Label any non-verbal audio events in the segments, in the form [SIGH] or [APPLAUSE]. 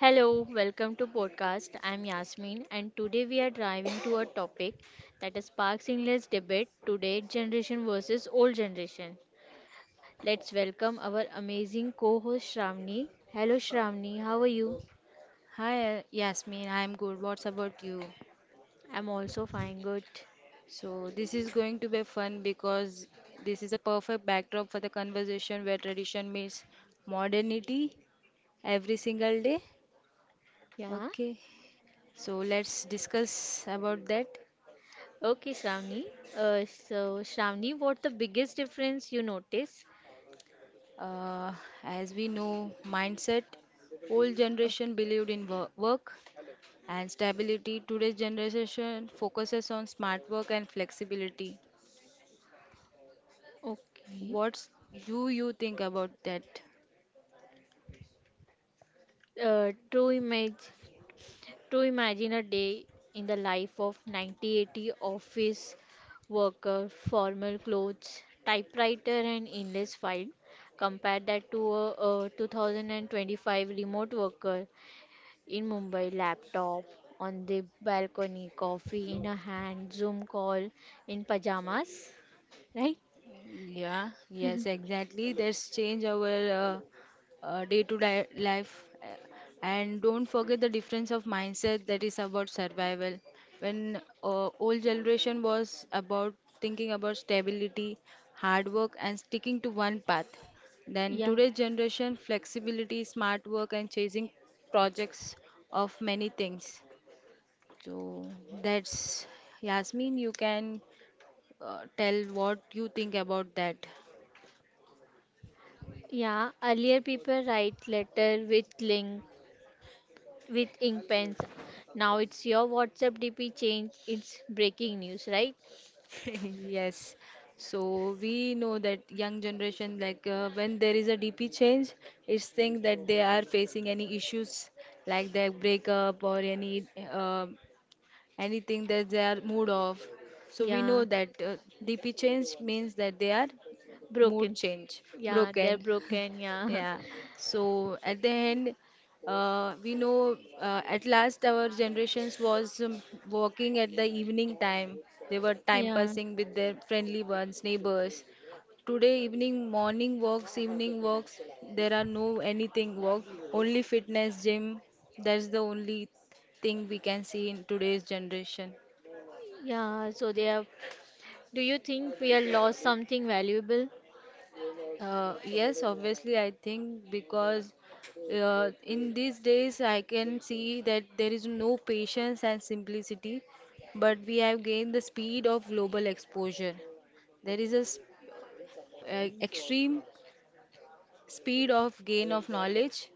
Hello, welcome to podcast. I'm Yasmin and today we are driving to a topic that sparks endless debate today generation versus old generation. Let's welcome our amazing co-host Shramni. Hello Shramni, how are you? Hi, Yasmin. I'm good. What's about you? I'm also fine, good. So, this is going to be fun because this is a perfect backdrop for the conversation where tradition meets modernity every single day. Yeah. Okay. So, let's discuss about that. Okay, Shramni. So Shramni, what the biggest difference you notice? Uh, as we know, mindset, old Okay. generation believed in work and stability. Today's generation focuses on smart work and flexibility. Okay. What do you think about that? True image. To imagine a day in the life of 9080 office worker, formal clothes, typewriter, and endless file. Compare that to a 2025 remote worker in Mumbai, laptop on the balcony, coffee in a hand, Zoom call in pajamas, right? Yeah, yes, exactly. That's change our day-to-day life. Uh, And don't forget the difference of mindset that is about survival. When old generation was about thinking about stability, hard work, and sticking to one path. Then Yeah. today's generation, flexibility, smart work, and chasing projects of many things. So that's Yasmin, you can tell what you think about that. Yeah, earlier people write letter with link with ink pens. Now it's your WhatsApp DP change. It's breaking news, right? [LAUGHS] Yes. So we know that young generation, like when there is a DP change, it's think that they are facing any issues like their breakup or any uh, anything that they are mood off. So we know Yeah, that DP change means that they are mood broken. change, Yeah, they're broken. broken. Yeah, Yeah. So at the end, we know at last our generations was walking at the evening time. They were [LAUGHS] time yeah, passing with their friendly ones, neighbors. Today evening, morning walks, evening walks. There are no anything walk. Only fitness gym. That's the only thing we can see in today's generation. yeah. So they have. Do you think we have lost something valuable? Yes, obviously, I think because in these days I can see that there is no patience and simplicity, but we have gained the speed of global exposure. There is a extreme speed of gain of knowledge.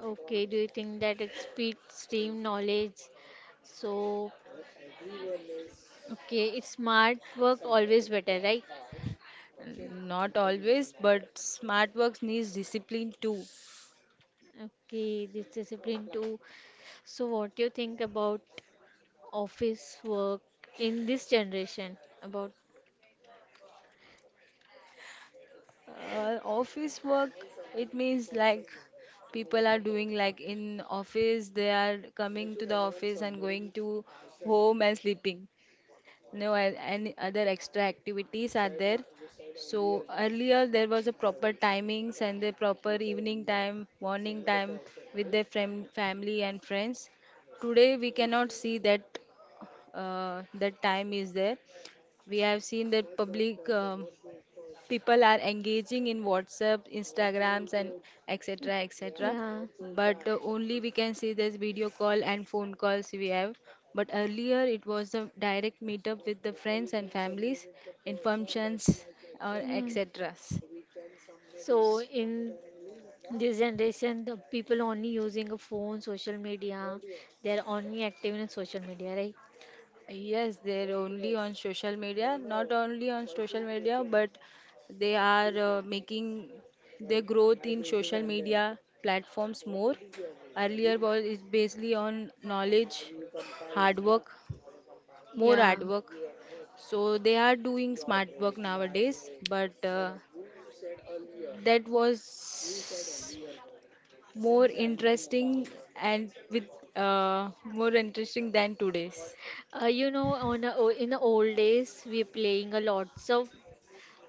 Okay. Do you think that it's speed, stream, knowledge? So, okay, it's smart work always better, right? Not always, but smart works needs discipline too. Okay, this discipline too. So, what do you think about office work in this generation? About Office work, it means like people are doing like in office, they are coming to the office and going to home and sleeping. No a- any other extra activities are there. So earlier there was a proper timings and the proper evening time, morning time with their friend, family and friends. Today we cannot see that that time is there. We have seen that public. People are engaging in whatsapp instagrams and etc etc yeah, but only we can see this video call and phone calls we have but earlier it was a direct meetup with the friends and families in functions or yeah. etc. So in this generation, the people only using a phone, social media. They're only active in social media, right? Yes, they're only on social media, not only on social media, but they are making their growth in social media platforms more. Earlier was is basically on knowledge, hard work, more Yeah. hard work. So they are doing smart work nowadays, but that was more interesting and with more interesting than today's. On the, o- in the old days, we playing a lots of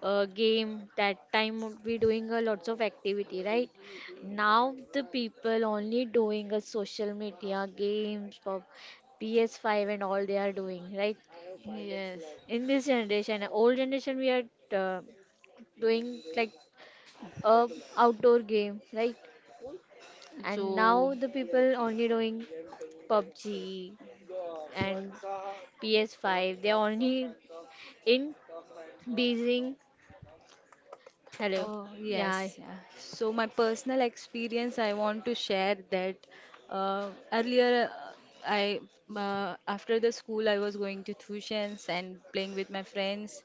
game. That time we doing a lots of activity, right? Now the people only doing a social media games, PS5 and all they are doing, right? Yes. In this generation old generation we are uh, doing like a outdoor game, right? And So, now the people only doing PUBG and PS5. They're only in Beijing. Hello. oh Yeah. yes, yeah. So my personal experience, I want to share that earlier I after the school I was going to tuitions and playing with my friends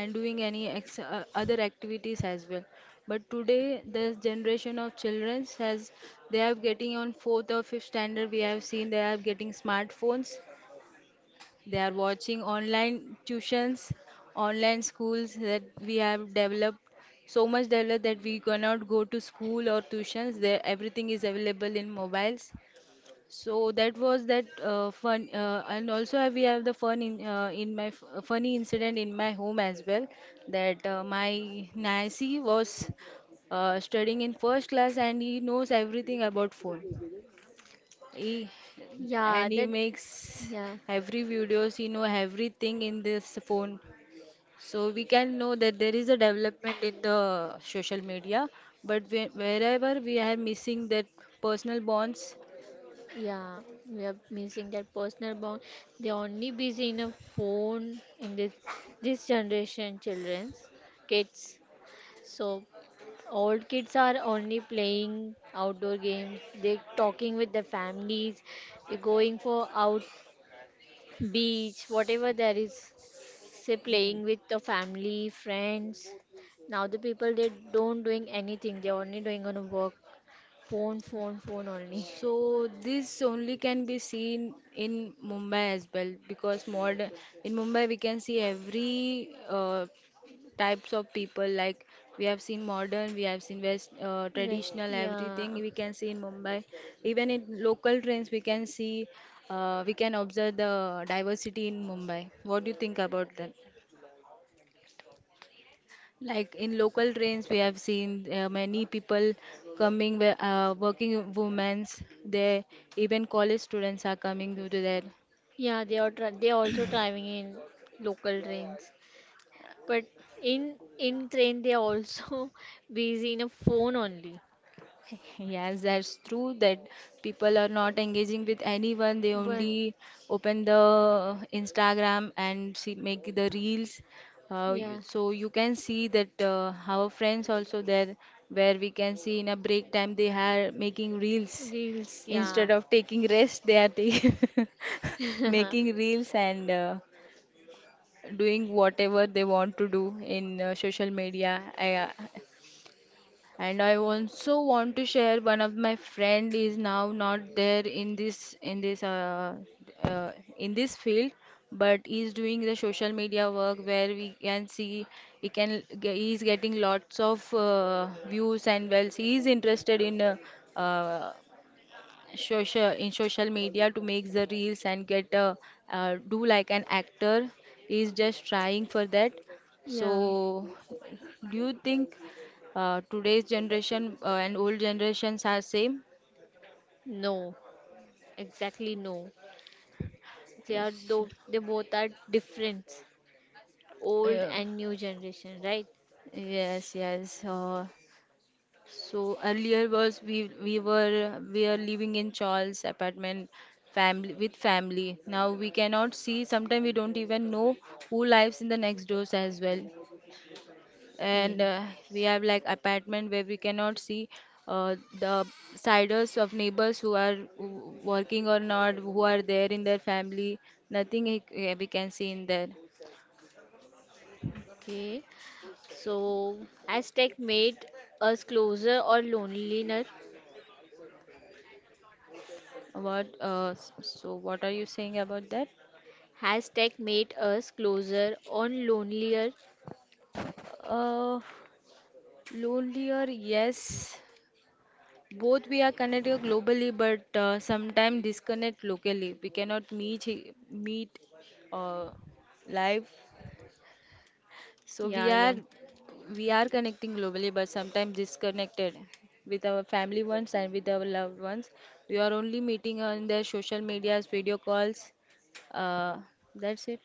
and doing any ex other activities as well. But today this generation of children has they are getting on fourth or fifth standard. We have seen they are getting smartphones. They are watching online tuitions, online schools that we have developed so much developed that we cannot go to school or tuitions. There, everything is available in mobiles. So that was that fun, and also we have the fun in my funny incident in my home as well. That my Nancy was studying in first class and he knows everything about phone. He, Yeah, and he that makes yeah. every videos, he know everything in this phone. So we can know that there is a development in the social media, but wherever we are missing that personal bonds. Yeah, we are missing that personal bond. They're only busy in a phone in this generation children's kids. So old kids are only playing outdoor games, they talking with their families, they going for out beach whatever there is, say Mm. playing with the family friends. Now the people they don't doing anything, they only doing on a work phone phone phone only. So this only can be seen in Mumbai as well because modern in Mumbai we can see every uh, types of people like we have seen modern we have seen west [LAUGHS] Yes, traditional yeah. everything we can see in mumbai, even in local trains we can see we can observe the diversity in mumbai. What do you think about that, like in local trains we have seen many people coming where, working women's they even college students are coming due to that. Yeah, they also driving in local trains, but in train they are also [LAUGHS] busy in a phone only. Yes, that's true that people are not engaging with anyone. They But only open the Instagram and see, make the reels. Yeah. So you can see that our friends also there, where we can see in a break time they are making reels Reels, instead yeah. of taking rest. They are taking [LAUGHS] making [LAUGHS] reels and doing whatever they want to do in social media. And I also want to share one of my friend is now not there in this uh, in this field, but is doing the social media work where we can see he is getting lots of views and wells. He is interested in uh, social in social media to make the reels and get do like an actor is just trying for that. So Yeah. do you think today's generation and old generations are same? No, exactly no. They are Yes, though they both are different, old uh, and new generation, right? yes yes, uh, so earlier was we are living in Charles apartment family with family. Now we cannot see sometimes we don't even know who lives in the next doors as well. Yeah. And we have like apartment where we cannot see the siders of neighbors who are working or not, who are there in their family. Nothing he- yeah, we can see in there. Okay. So hashtag made us closer or lonelier. So what are you saying about that? Hashtag made us closer or lonelier. uh, lonelier yes, both we are connected globally but sometimes disconnect locally we cannot meet uh, live. So we Yeah, are yeah. Connecting globally, but sometimes disconnected with our family ones and with our loved ones. We are only meeting on their social medias, video calls. Uh, that's it.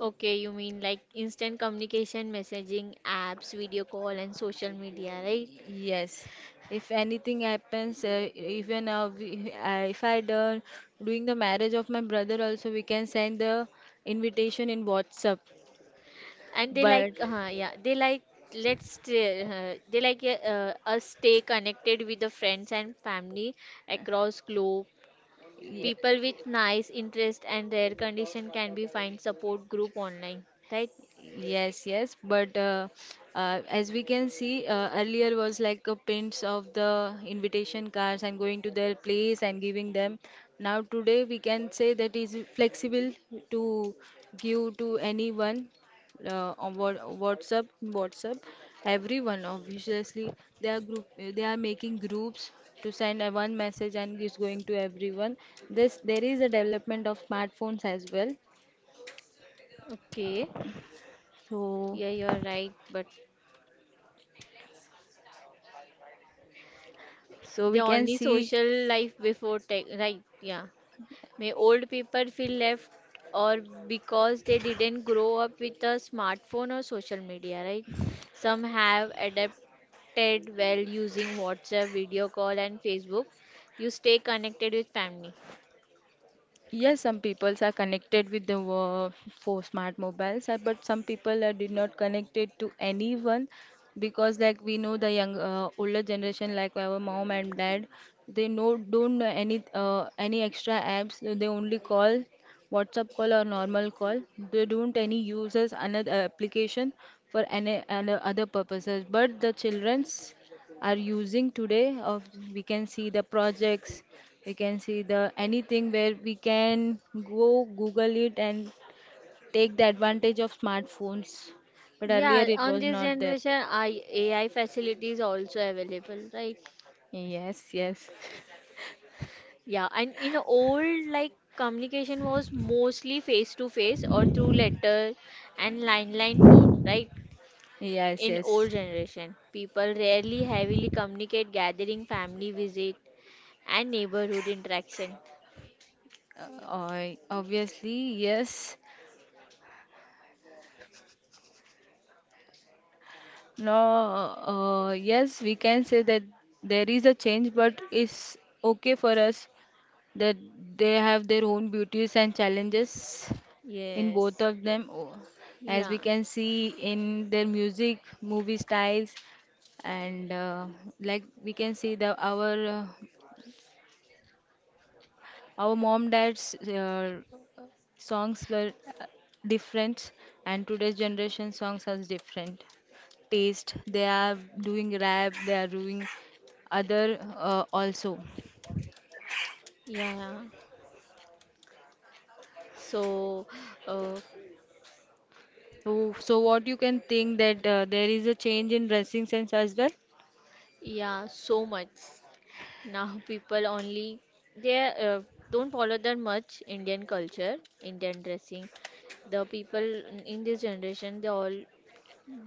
Okay, you mean like instant communication, messaging, apps, video call, and social media, right? Yes. If anything happens, if I done doing the marriage of my brother also, we can send the invitation in WhatsApp. And they But like yeah, they like they like us stay connected with the friends and family across globe. yeah, People with nice interest and their condition can be find support group online, right? yes, yes, but as we can see, earlier was like a prints of the invitation cards and going to their place and giving them. Now today we can say that is flexible to give to anyone on WhatsApp, everyone. Obviously, they are group, they are making groups to send a one message and it's going to everyone. This there is a development of smartphones as well. Okay, So. yeah, you're right, but So the we can only see social life before tech, right? Yeah. May old people feel left or because they didn't grow up with a smartphone or social media, right? Some have adapted well using WhatsApp, video call, and Facebook. You stay connected with family. yes, some peoples are connected with the for smart mobiles, but some people are did not connected to anyone because, like we know, the young older generation, like our mom and dad, they know don't know any any extra apps. They only call WhatsApp call or normal call. They don't any uses another application for any other purposes. But the childrens are using today of we can see the projects, we can see the anything where we can go Google it and take the advantage of smartphones. But earlier Yeah, it on was this not there. generation, I, AI facilities also available, right? Yes, yes. [LAUGHS] Yeah, and in old, like communication was mostly face to face or through letter and line phone, right? Yes, In yes. old generation, people rarely heavily communicate gathering, family visit, and neighborhood interaction. Obviously, yes. No, yes, we can say that there is a change, but it's okay for us that they have their own beauties and challenges in both Yes. of them. Oh, as Yeah. we can see in their music, movie styles, and like we can see the our mom dad's songs were uh, different and today's generation songs has different taste. They are doing rap, they are doing other also. Yeah. So, uh, So, so what you can think that there is a change in dressing sense as well. yeah, so much. Now people only they don't follow that much Indian culture, Indian dressing. The people in this generation they all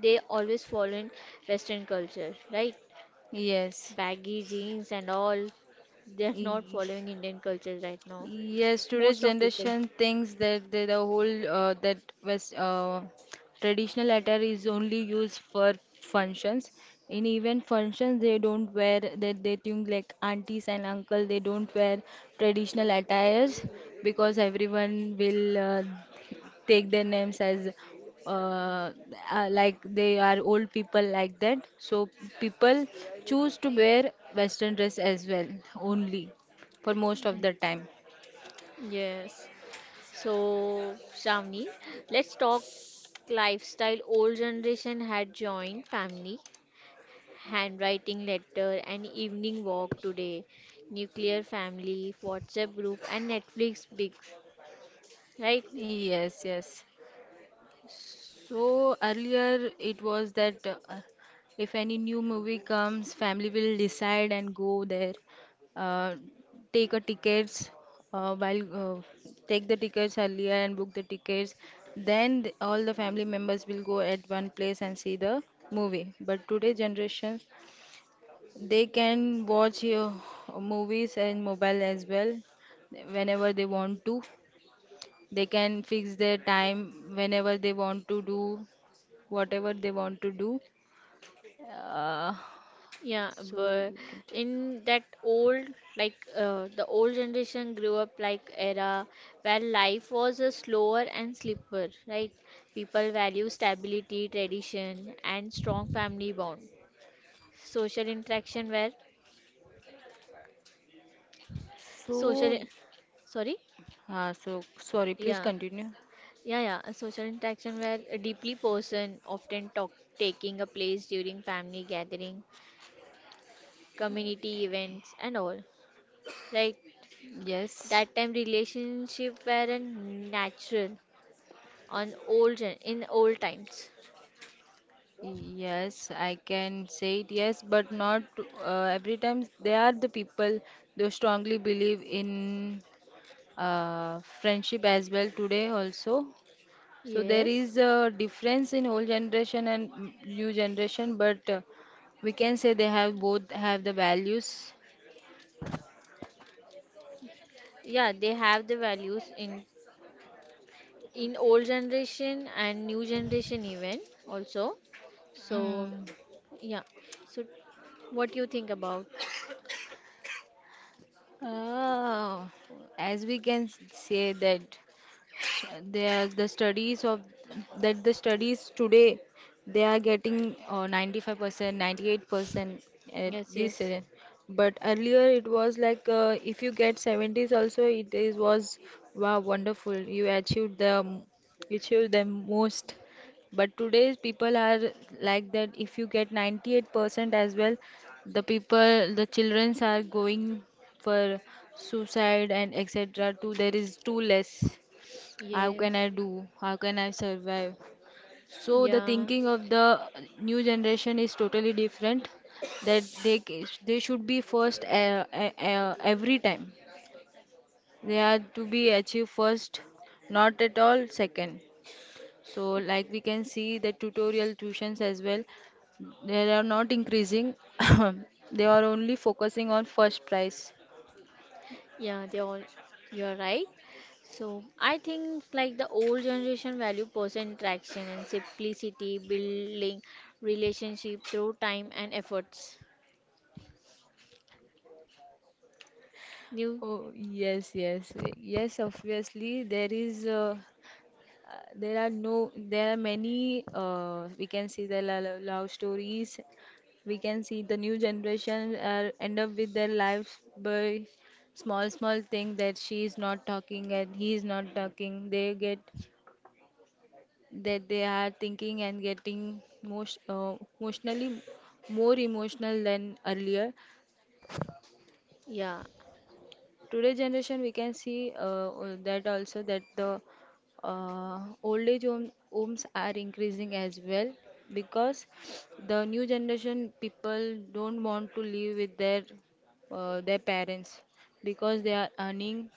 they always follow in Western culture, right? Yes, Baggy jeans and all. They're not following Indian culture right now. yes, today's Most of people. generation thinks that the whole that West traditional attire is only used for functions. In even functions, they don't wear that. They think like aunties and uncle they don't wear traditional attires because everyone will take their names as uh, like they are old people like that. So people choose to wear Western dress as well only for most of the time. Yes. So, Shamni, let's talk lifestyle. Old generation had joined family, handwriting letter, and evening walk today. Nuclear family, WhatsApp group, and Netflix big, right? Yes, yes. So earlier it was that if any new movie comes, family will decide and go there, uh, take a tickets take the tickets earlier and book the tickets. Then all the family members will go at one place and see the movie. But today generation, they can watch movies and mobile as well whenever they want to. They can fix their time whenever they want to do whatever they want to do. Uh, Yeah, so but you can. in that old, like the old generation grew up like era where life was a slower and slipper, right? People value stability, tradition, and strong family bond. Social interaction where So, social, sorry, so sorry, please yeah, continue. yeah, yeah, a social interaction where a deeply person often talk taking a place during family gathering, community events, and all, right? Yes, That time relationship were natural on old in old times. yes, I can say it, yes, but not every time. They are the people who strongly believe in friendship as well today also. So there Yes. is a difference in old generation and new generation, but we can say they have both have the values. Yeah, they have the values in old generation and new generation even also. So Mm. yeah. So what do you think about? Uh, as we can s- say that. They are the studies of that the studies today they are getting 95%, 98% at Yes, this. yes, uh, But earlier it was like if you get 70s also it is was wow, wonderful, you achieved achieved the most. But today's people are like that, if you get 98% as well, the people the childrens are going for suicide and etc. too, there is too less. How yes, can I do? How can I survive? So the yeah. thinking of the new generation is totally different. They should be first every time. They are to be achieved first, not at all second. So like we can see the tutorial tuitions as well. They are not increasing. [COUGHS] They are only focusing on first price. Yeah, they all, you're right. So I think like the old generation value person interaction and simplicity, building relationship through time and efforts. New, Oh, yes, yes, yes, obviously, there is Uh, there are no there are many we can see the love stories. We can see the new generation end up with their lives by small small thing, that she is not talking and he is not talking, they get that, they are thinking and getting most emotionally more emotional than earlier. yeah, Today generation we can see that also, that the old age homes are increasing as well, because the new generation people don't want to live with their parents, because they are earning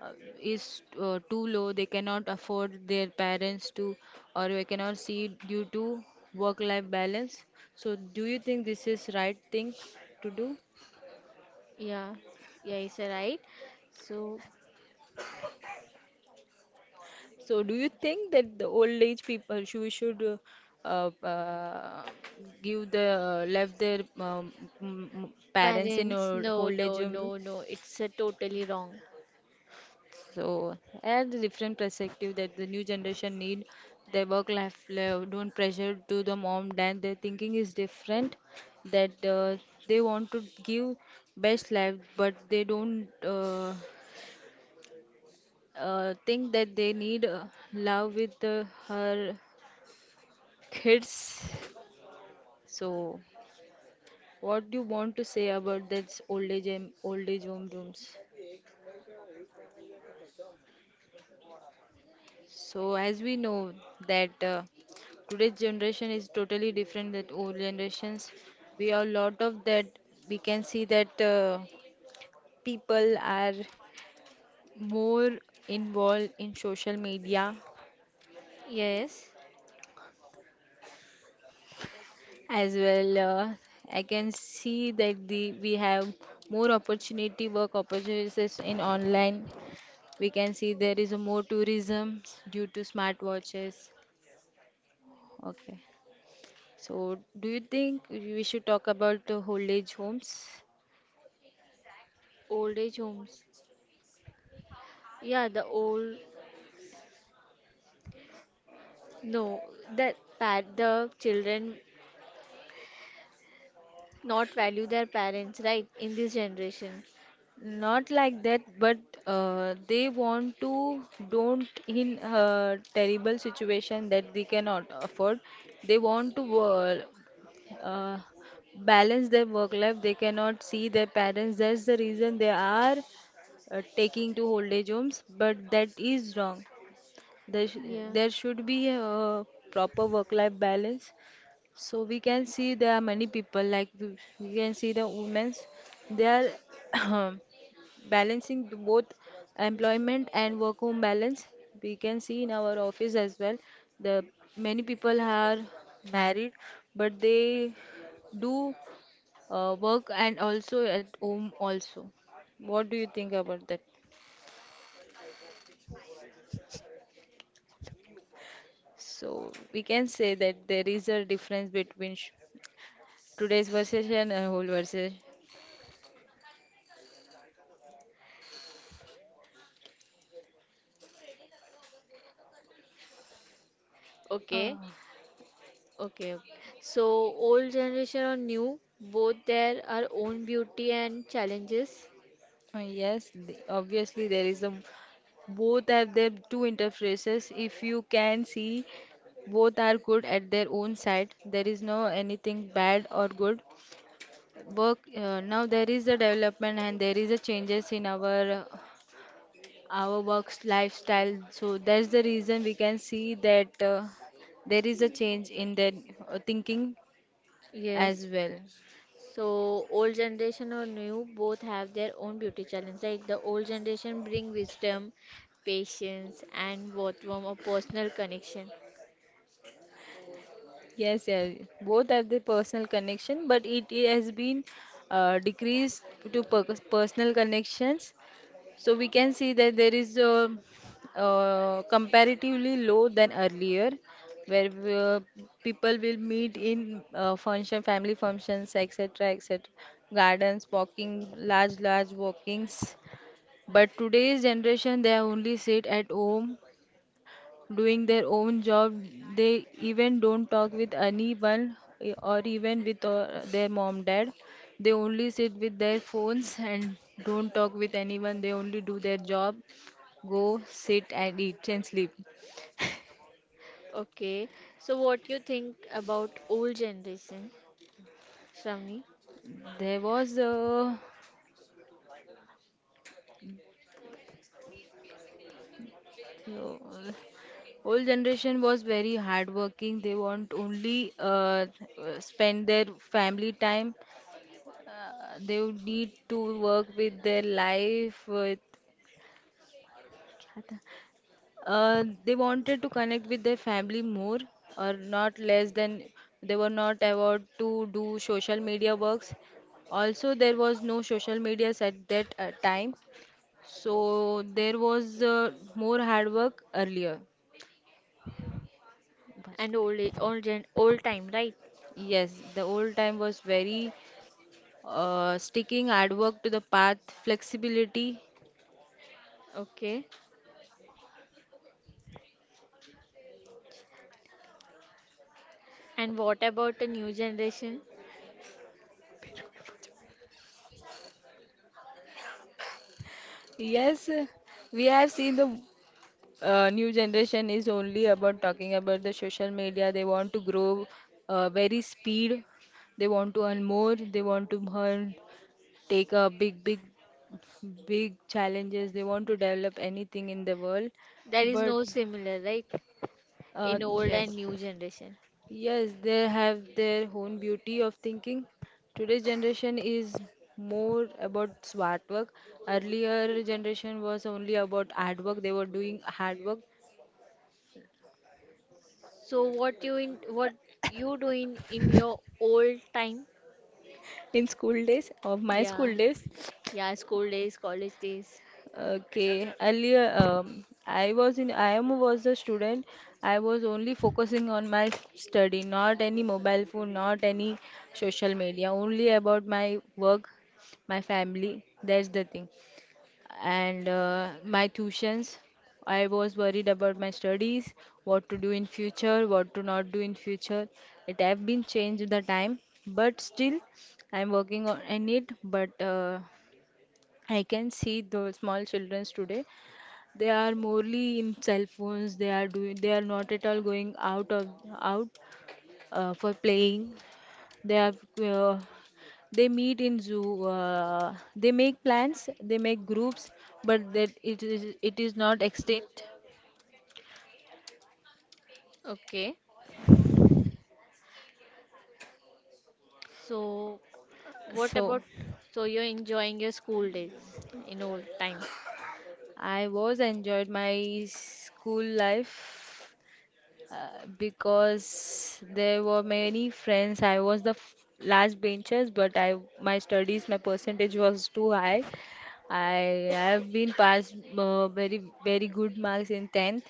uh, is too low, they cannot afford their parents to, or they cannot see due to work life balance. So do you think this is right thing to do? yeah, yeah, is right. So So, do you think that the old age people should, uh, uh, uh, give the left their parents in parents, no, old age no, home? no, no, it's totally wrong. So, add the different perspective that the new generation need their work life don't pressure to the mom dad. Their thinking is different, that they want to give best life, but they don't think that they need love with her kids. So, what do you want to say about this old age and old age home rooms? So, as we know that today's generation is totally different than old generations. We have a lot of that. We can see that people are more involved in social media Yes, as well. I can see that the we have more opportunity, work opportunities in online. We can see there is a more tourism due to smartwatches. Okay. So, do you think we should talk about the old age homes? old age homes. Yeah, the old no, that pa the children not value their parents, right? In this generation. Not like that, but they want to don't in a terrible situation that they cannot afford. They want to uh, balance their work life. They cannot see their parents. That's the reason they are taking to old age homes, but that is wrong. Yeah. There should be a proper work-life balance. So we can see there are many people, like we can see the women's, they are [CLEARS THROAT] balancing the both employment and work-home balance. We can see in our office as well. The Many people are married, but they do work and also at home also. What do you think about that? So we can say that there is a difference today's version, whole version. Uh, Okay, okay, okay. So old generation or new, both there are own beauty and challenges. Yes, obviously there is a, both have their two interfaces. If you can see, both are good at their own side. There is no anything bad or good. Work now there is a development and there is a changes in our work's lifestyle. So that's the reason we can see that there is a change in their thinking as Yes. well. So old generation or new, both have their own beauty challenge. Like the old generation bring wisdom, patience, and both warm a personal connection. Yes, yes, both have the personal connection, but has been decreased to personal connections. So we can see that there is a, comparatively low than earlier, where we, people will meet in function, family functions, etc., etc., gardens, walking, large, large walkings. But today's generation, they only sit at home doing their own job. They even don't talk with anyone eh, or even with their mom, dad. They only sit with their phones and don't talk with anyone. They only do their job, go, sit, and eat and sleep. Okay. So what you think about old generation, Shravani, There was a, old generation was very hardworking. They want only spend their family time. They would need to work with their life with. They wanted to connect with their family more or not less than, they were not allowed to do social media works. Also, there was no social medias at that time, so there was more hard work earlier. Bas- and old age, old gen, old time, right? Yes, the old time was very sticking hard work to the path, flexibility. Okay. And what about the new generation? Yes, we have seen the new generation is only about talking about the social media. They want to grow very speed. They want to earn more. They want to earn, take a big, big, big challenges. They want to develop anything in the world. There is But no similar, right? In old Yes. and new generation. Yes, they have their own beauty of thinking. Today's generation is more about smart work. Earlier generation was only about hard work. They were doing hard work So what you in what you doing in your old time? in school days, of my Yeah, school days. yeah, school days, college days. Okay, earlier I was in I am was a student. I was only focusing on my study, not any mobile phone, not any social media, only about my work, my family, that's the thing, and my tuitions. I was worried about my studies, what to do in future, what to not do in future. It have been changed, the time, but still I'm working on in it, but I can see those small childrens today. They are morely in cell phones. They are doing. They are not at all going out of out for playing. They are. Uh, they meet in zoo. They make plans. They make groups, but that it is not extinct. Okay. So what So, about so you're enjoying your school days in old time? I was enjoyed my school life because there were many friends. I was the f last benchers, but I my studies, my percentage was too high. I have been passed very very good marks in 10th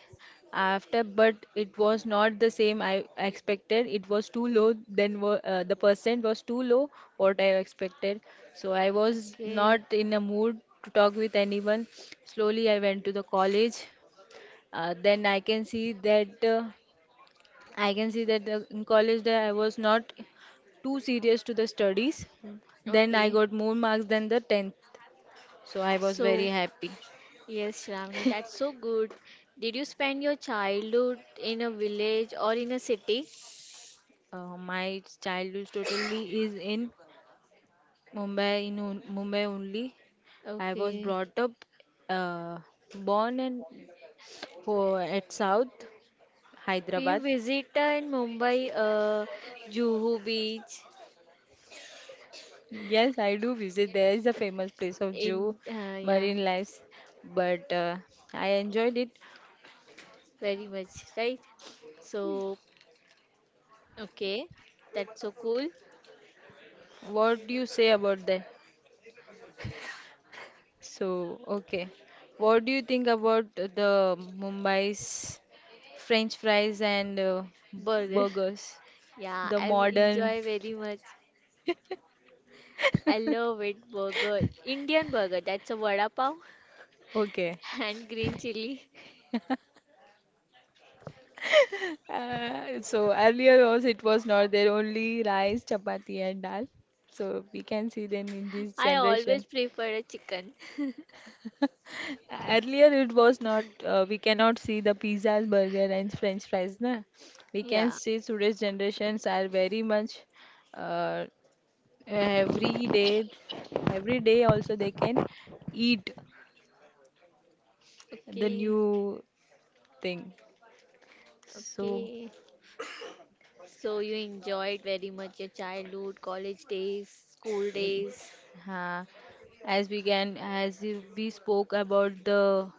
after, but it was not the same I expected. It was too low. Then the percent was too low what I expected. So I was Okay, not in a mood to talk with anyone. Slowly I went to the college. Then I can see that. I can see that in college that I was not too serious to the studies. Then I okay. got more marks than the 10th. So I was very So happy. yes, Shravani, that's so good. Did you spend your childhood in a village or in a city? My childhood totally is in Mumbai, Mumbai only. I was Okay. brought up, uh, born and ho at South Do you Hyderabad. visit in Mumbai, Juhu Beach? Yes, I do visit. There is a famous place of Jew, In yeah, Marine Lives, but I enjoyed it. very much, right? So okay, that's so cool. What do you say about that? So, okay. What do you think about the Mumbai's French fries and Burger. [LAUGHS] burgers? Yeah, The I modern. enjoy very much. I love it. Burger, Indian burger. That's a vada pav Okay. [LAUGHS] and green chili. So earlier also it was not there, only rice, chapati and dal. So we can see then in this I always generation. prefer a chicken. [LAUGHS] Earlier it was not, we cannot see the pizzas, burger and French fries, na? We can Yeah. see today's generations are very much uh, every day, every day also they can eat the Okay. new thing, so Okay. So you enjoyed very much your childhood, college days, school e- days. huh, as we can, as if we spoke about the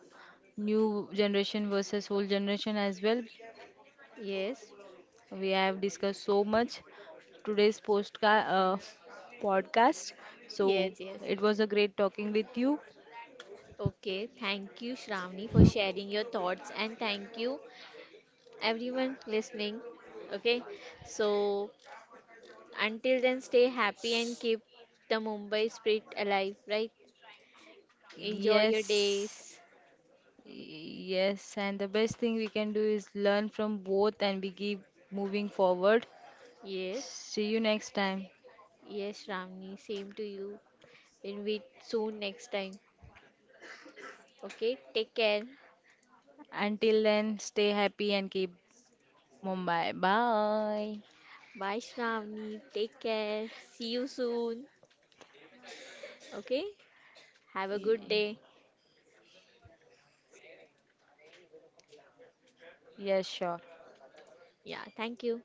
new generation versus old generation as well, Yes. we have discussed so much today's podcast. So Yes. Yes. it was a great talking with you. Okay, thank you, Shravani, for sharing your thoughts, and thank you, everyone listening. Okay, so until then, stay happy and keep the Mumbai spirit alive, right? Enjoy your Yes. days. Yes, and the best thing we can do is learn from both and we keep moving forward. Yes, See you next time. yes, Shravani, same to you. And we soon next time. Okay, take care. Until then, stay happy and keep Mumbai. Bye. Bye, Shravani. Take care. See you soon. Okay, have a good Y- day. Yes, sure. Yeah, thank you.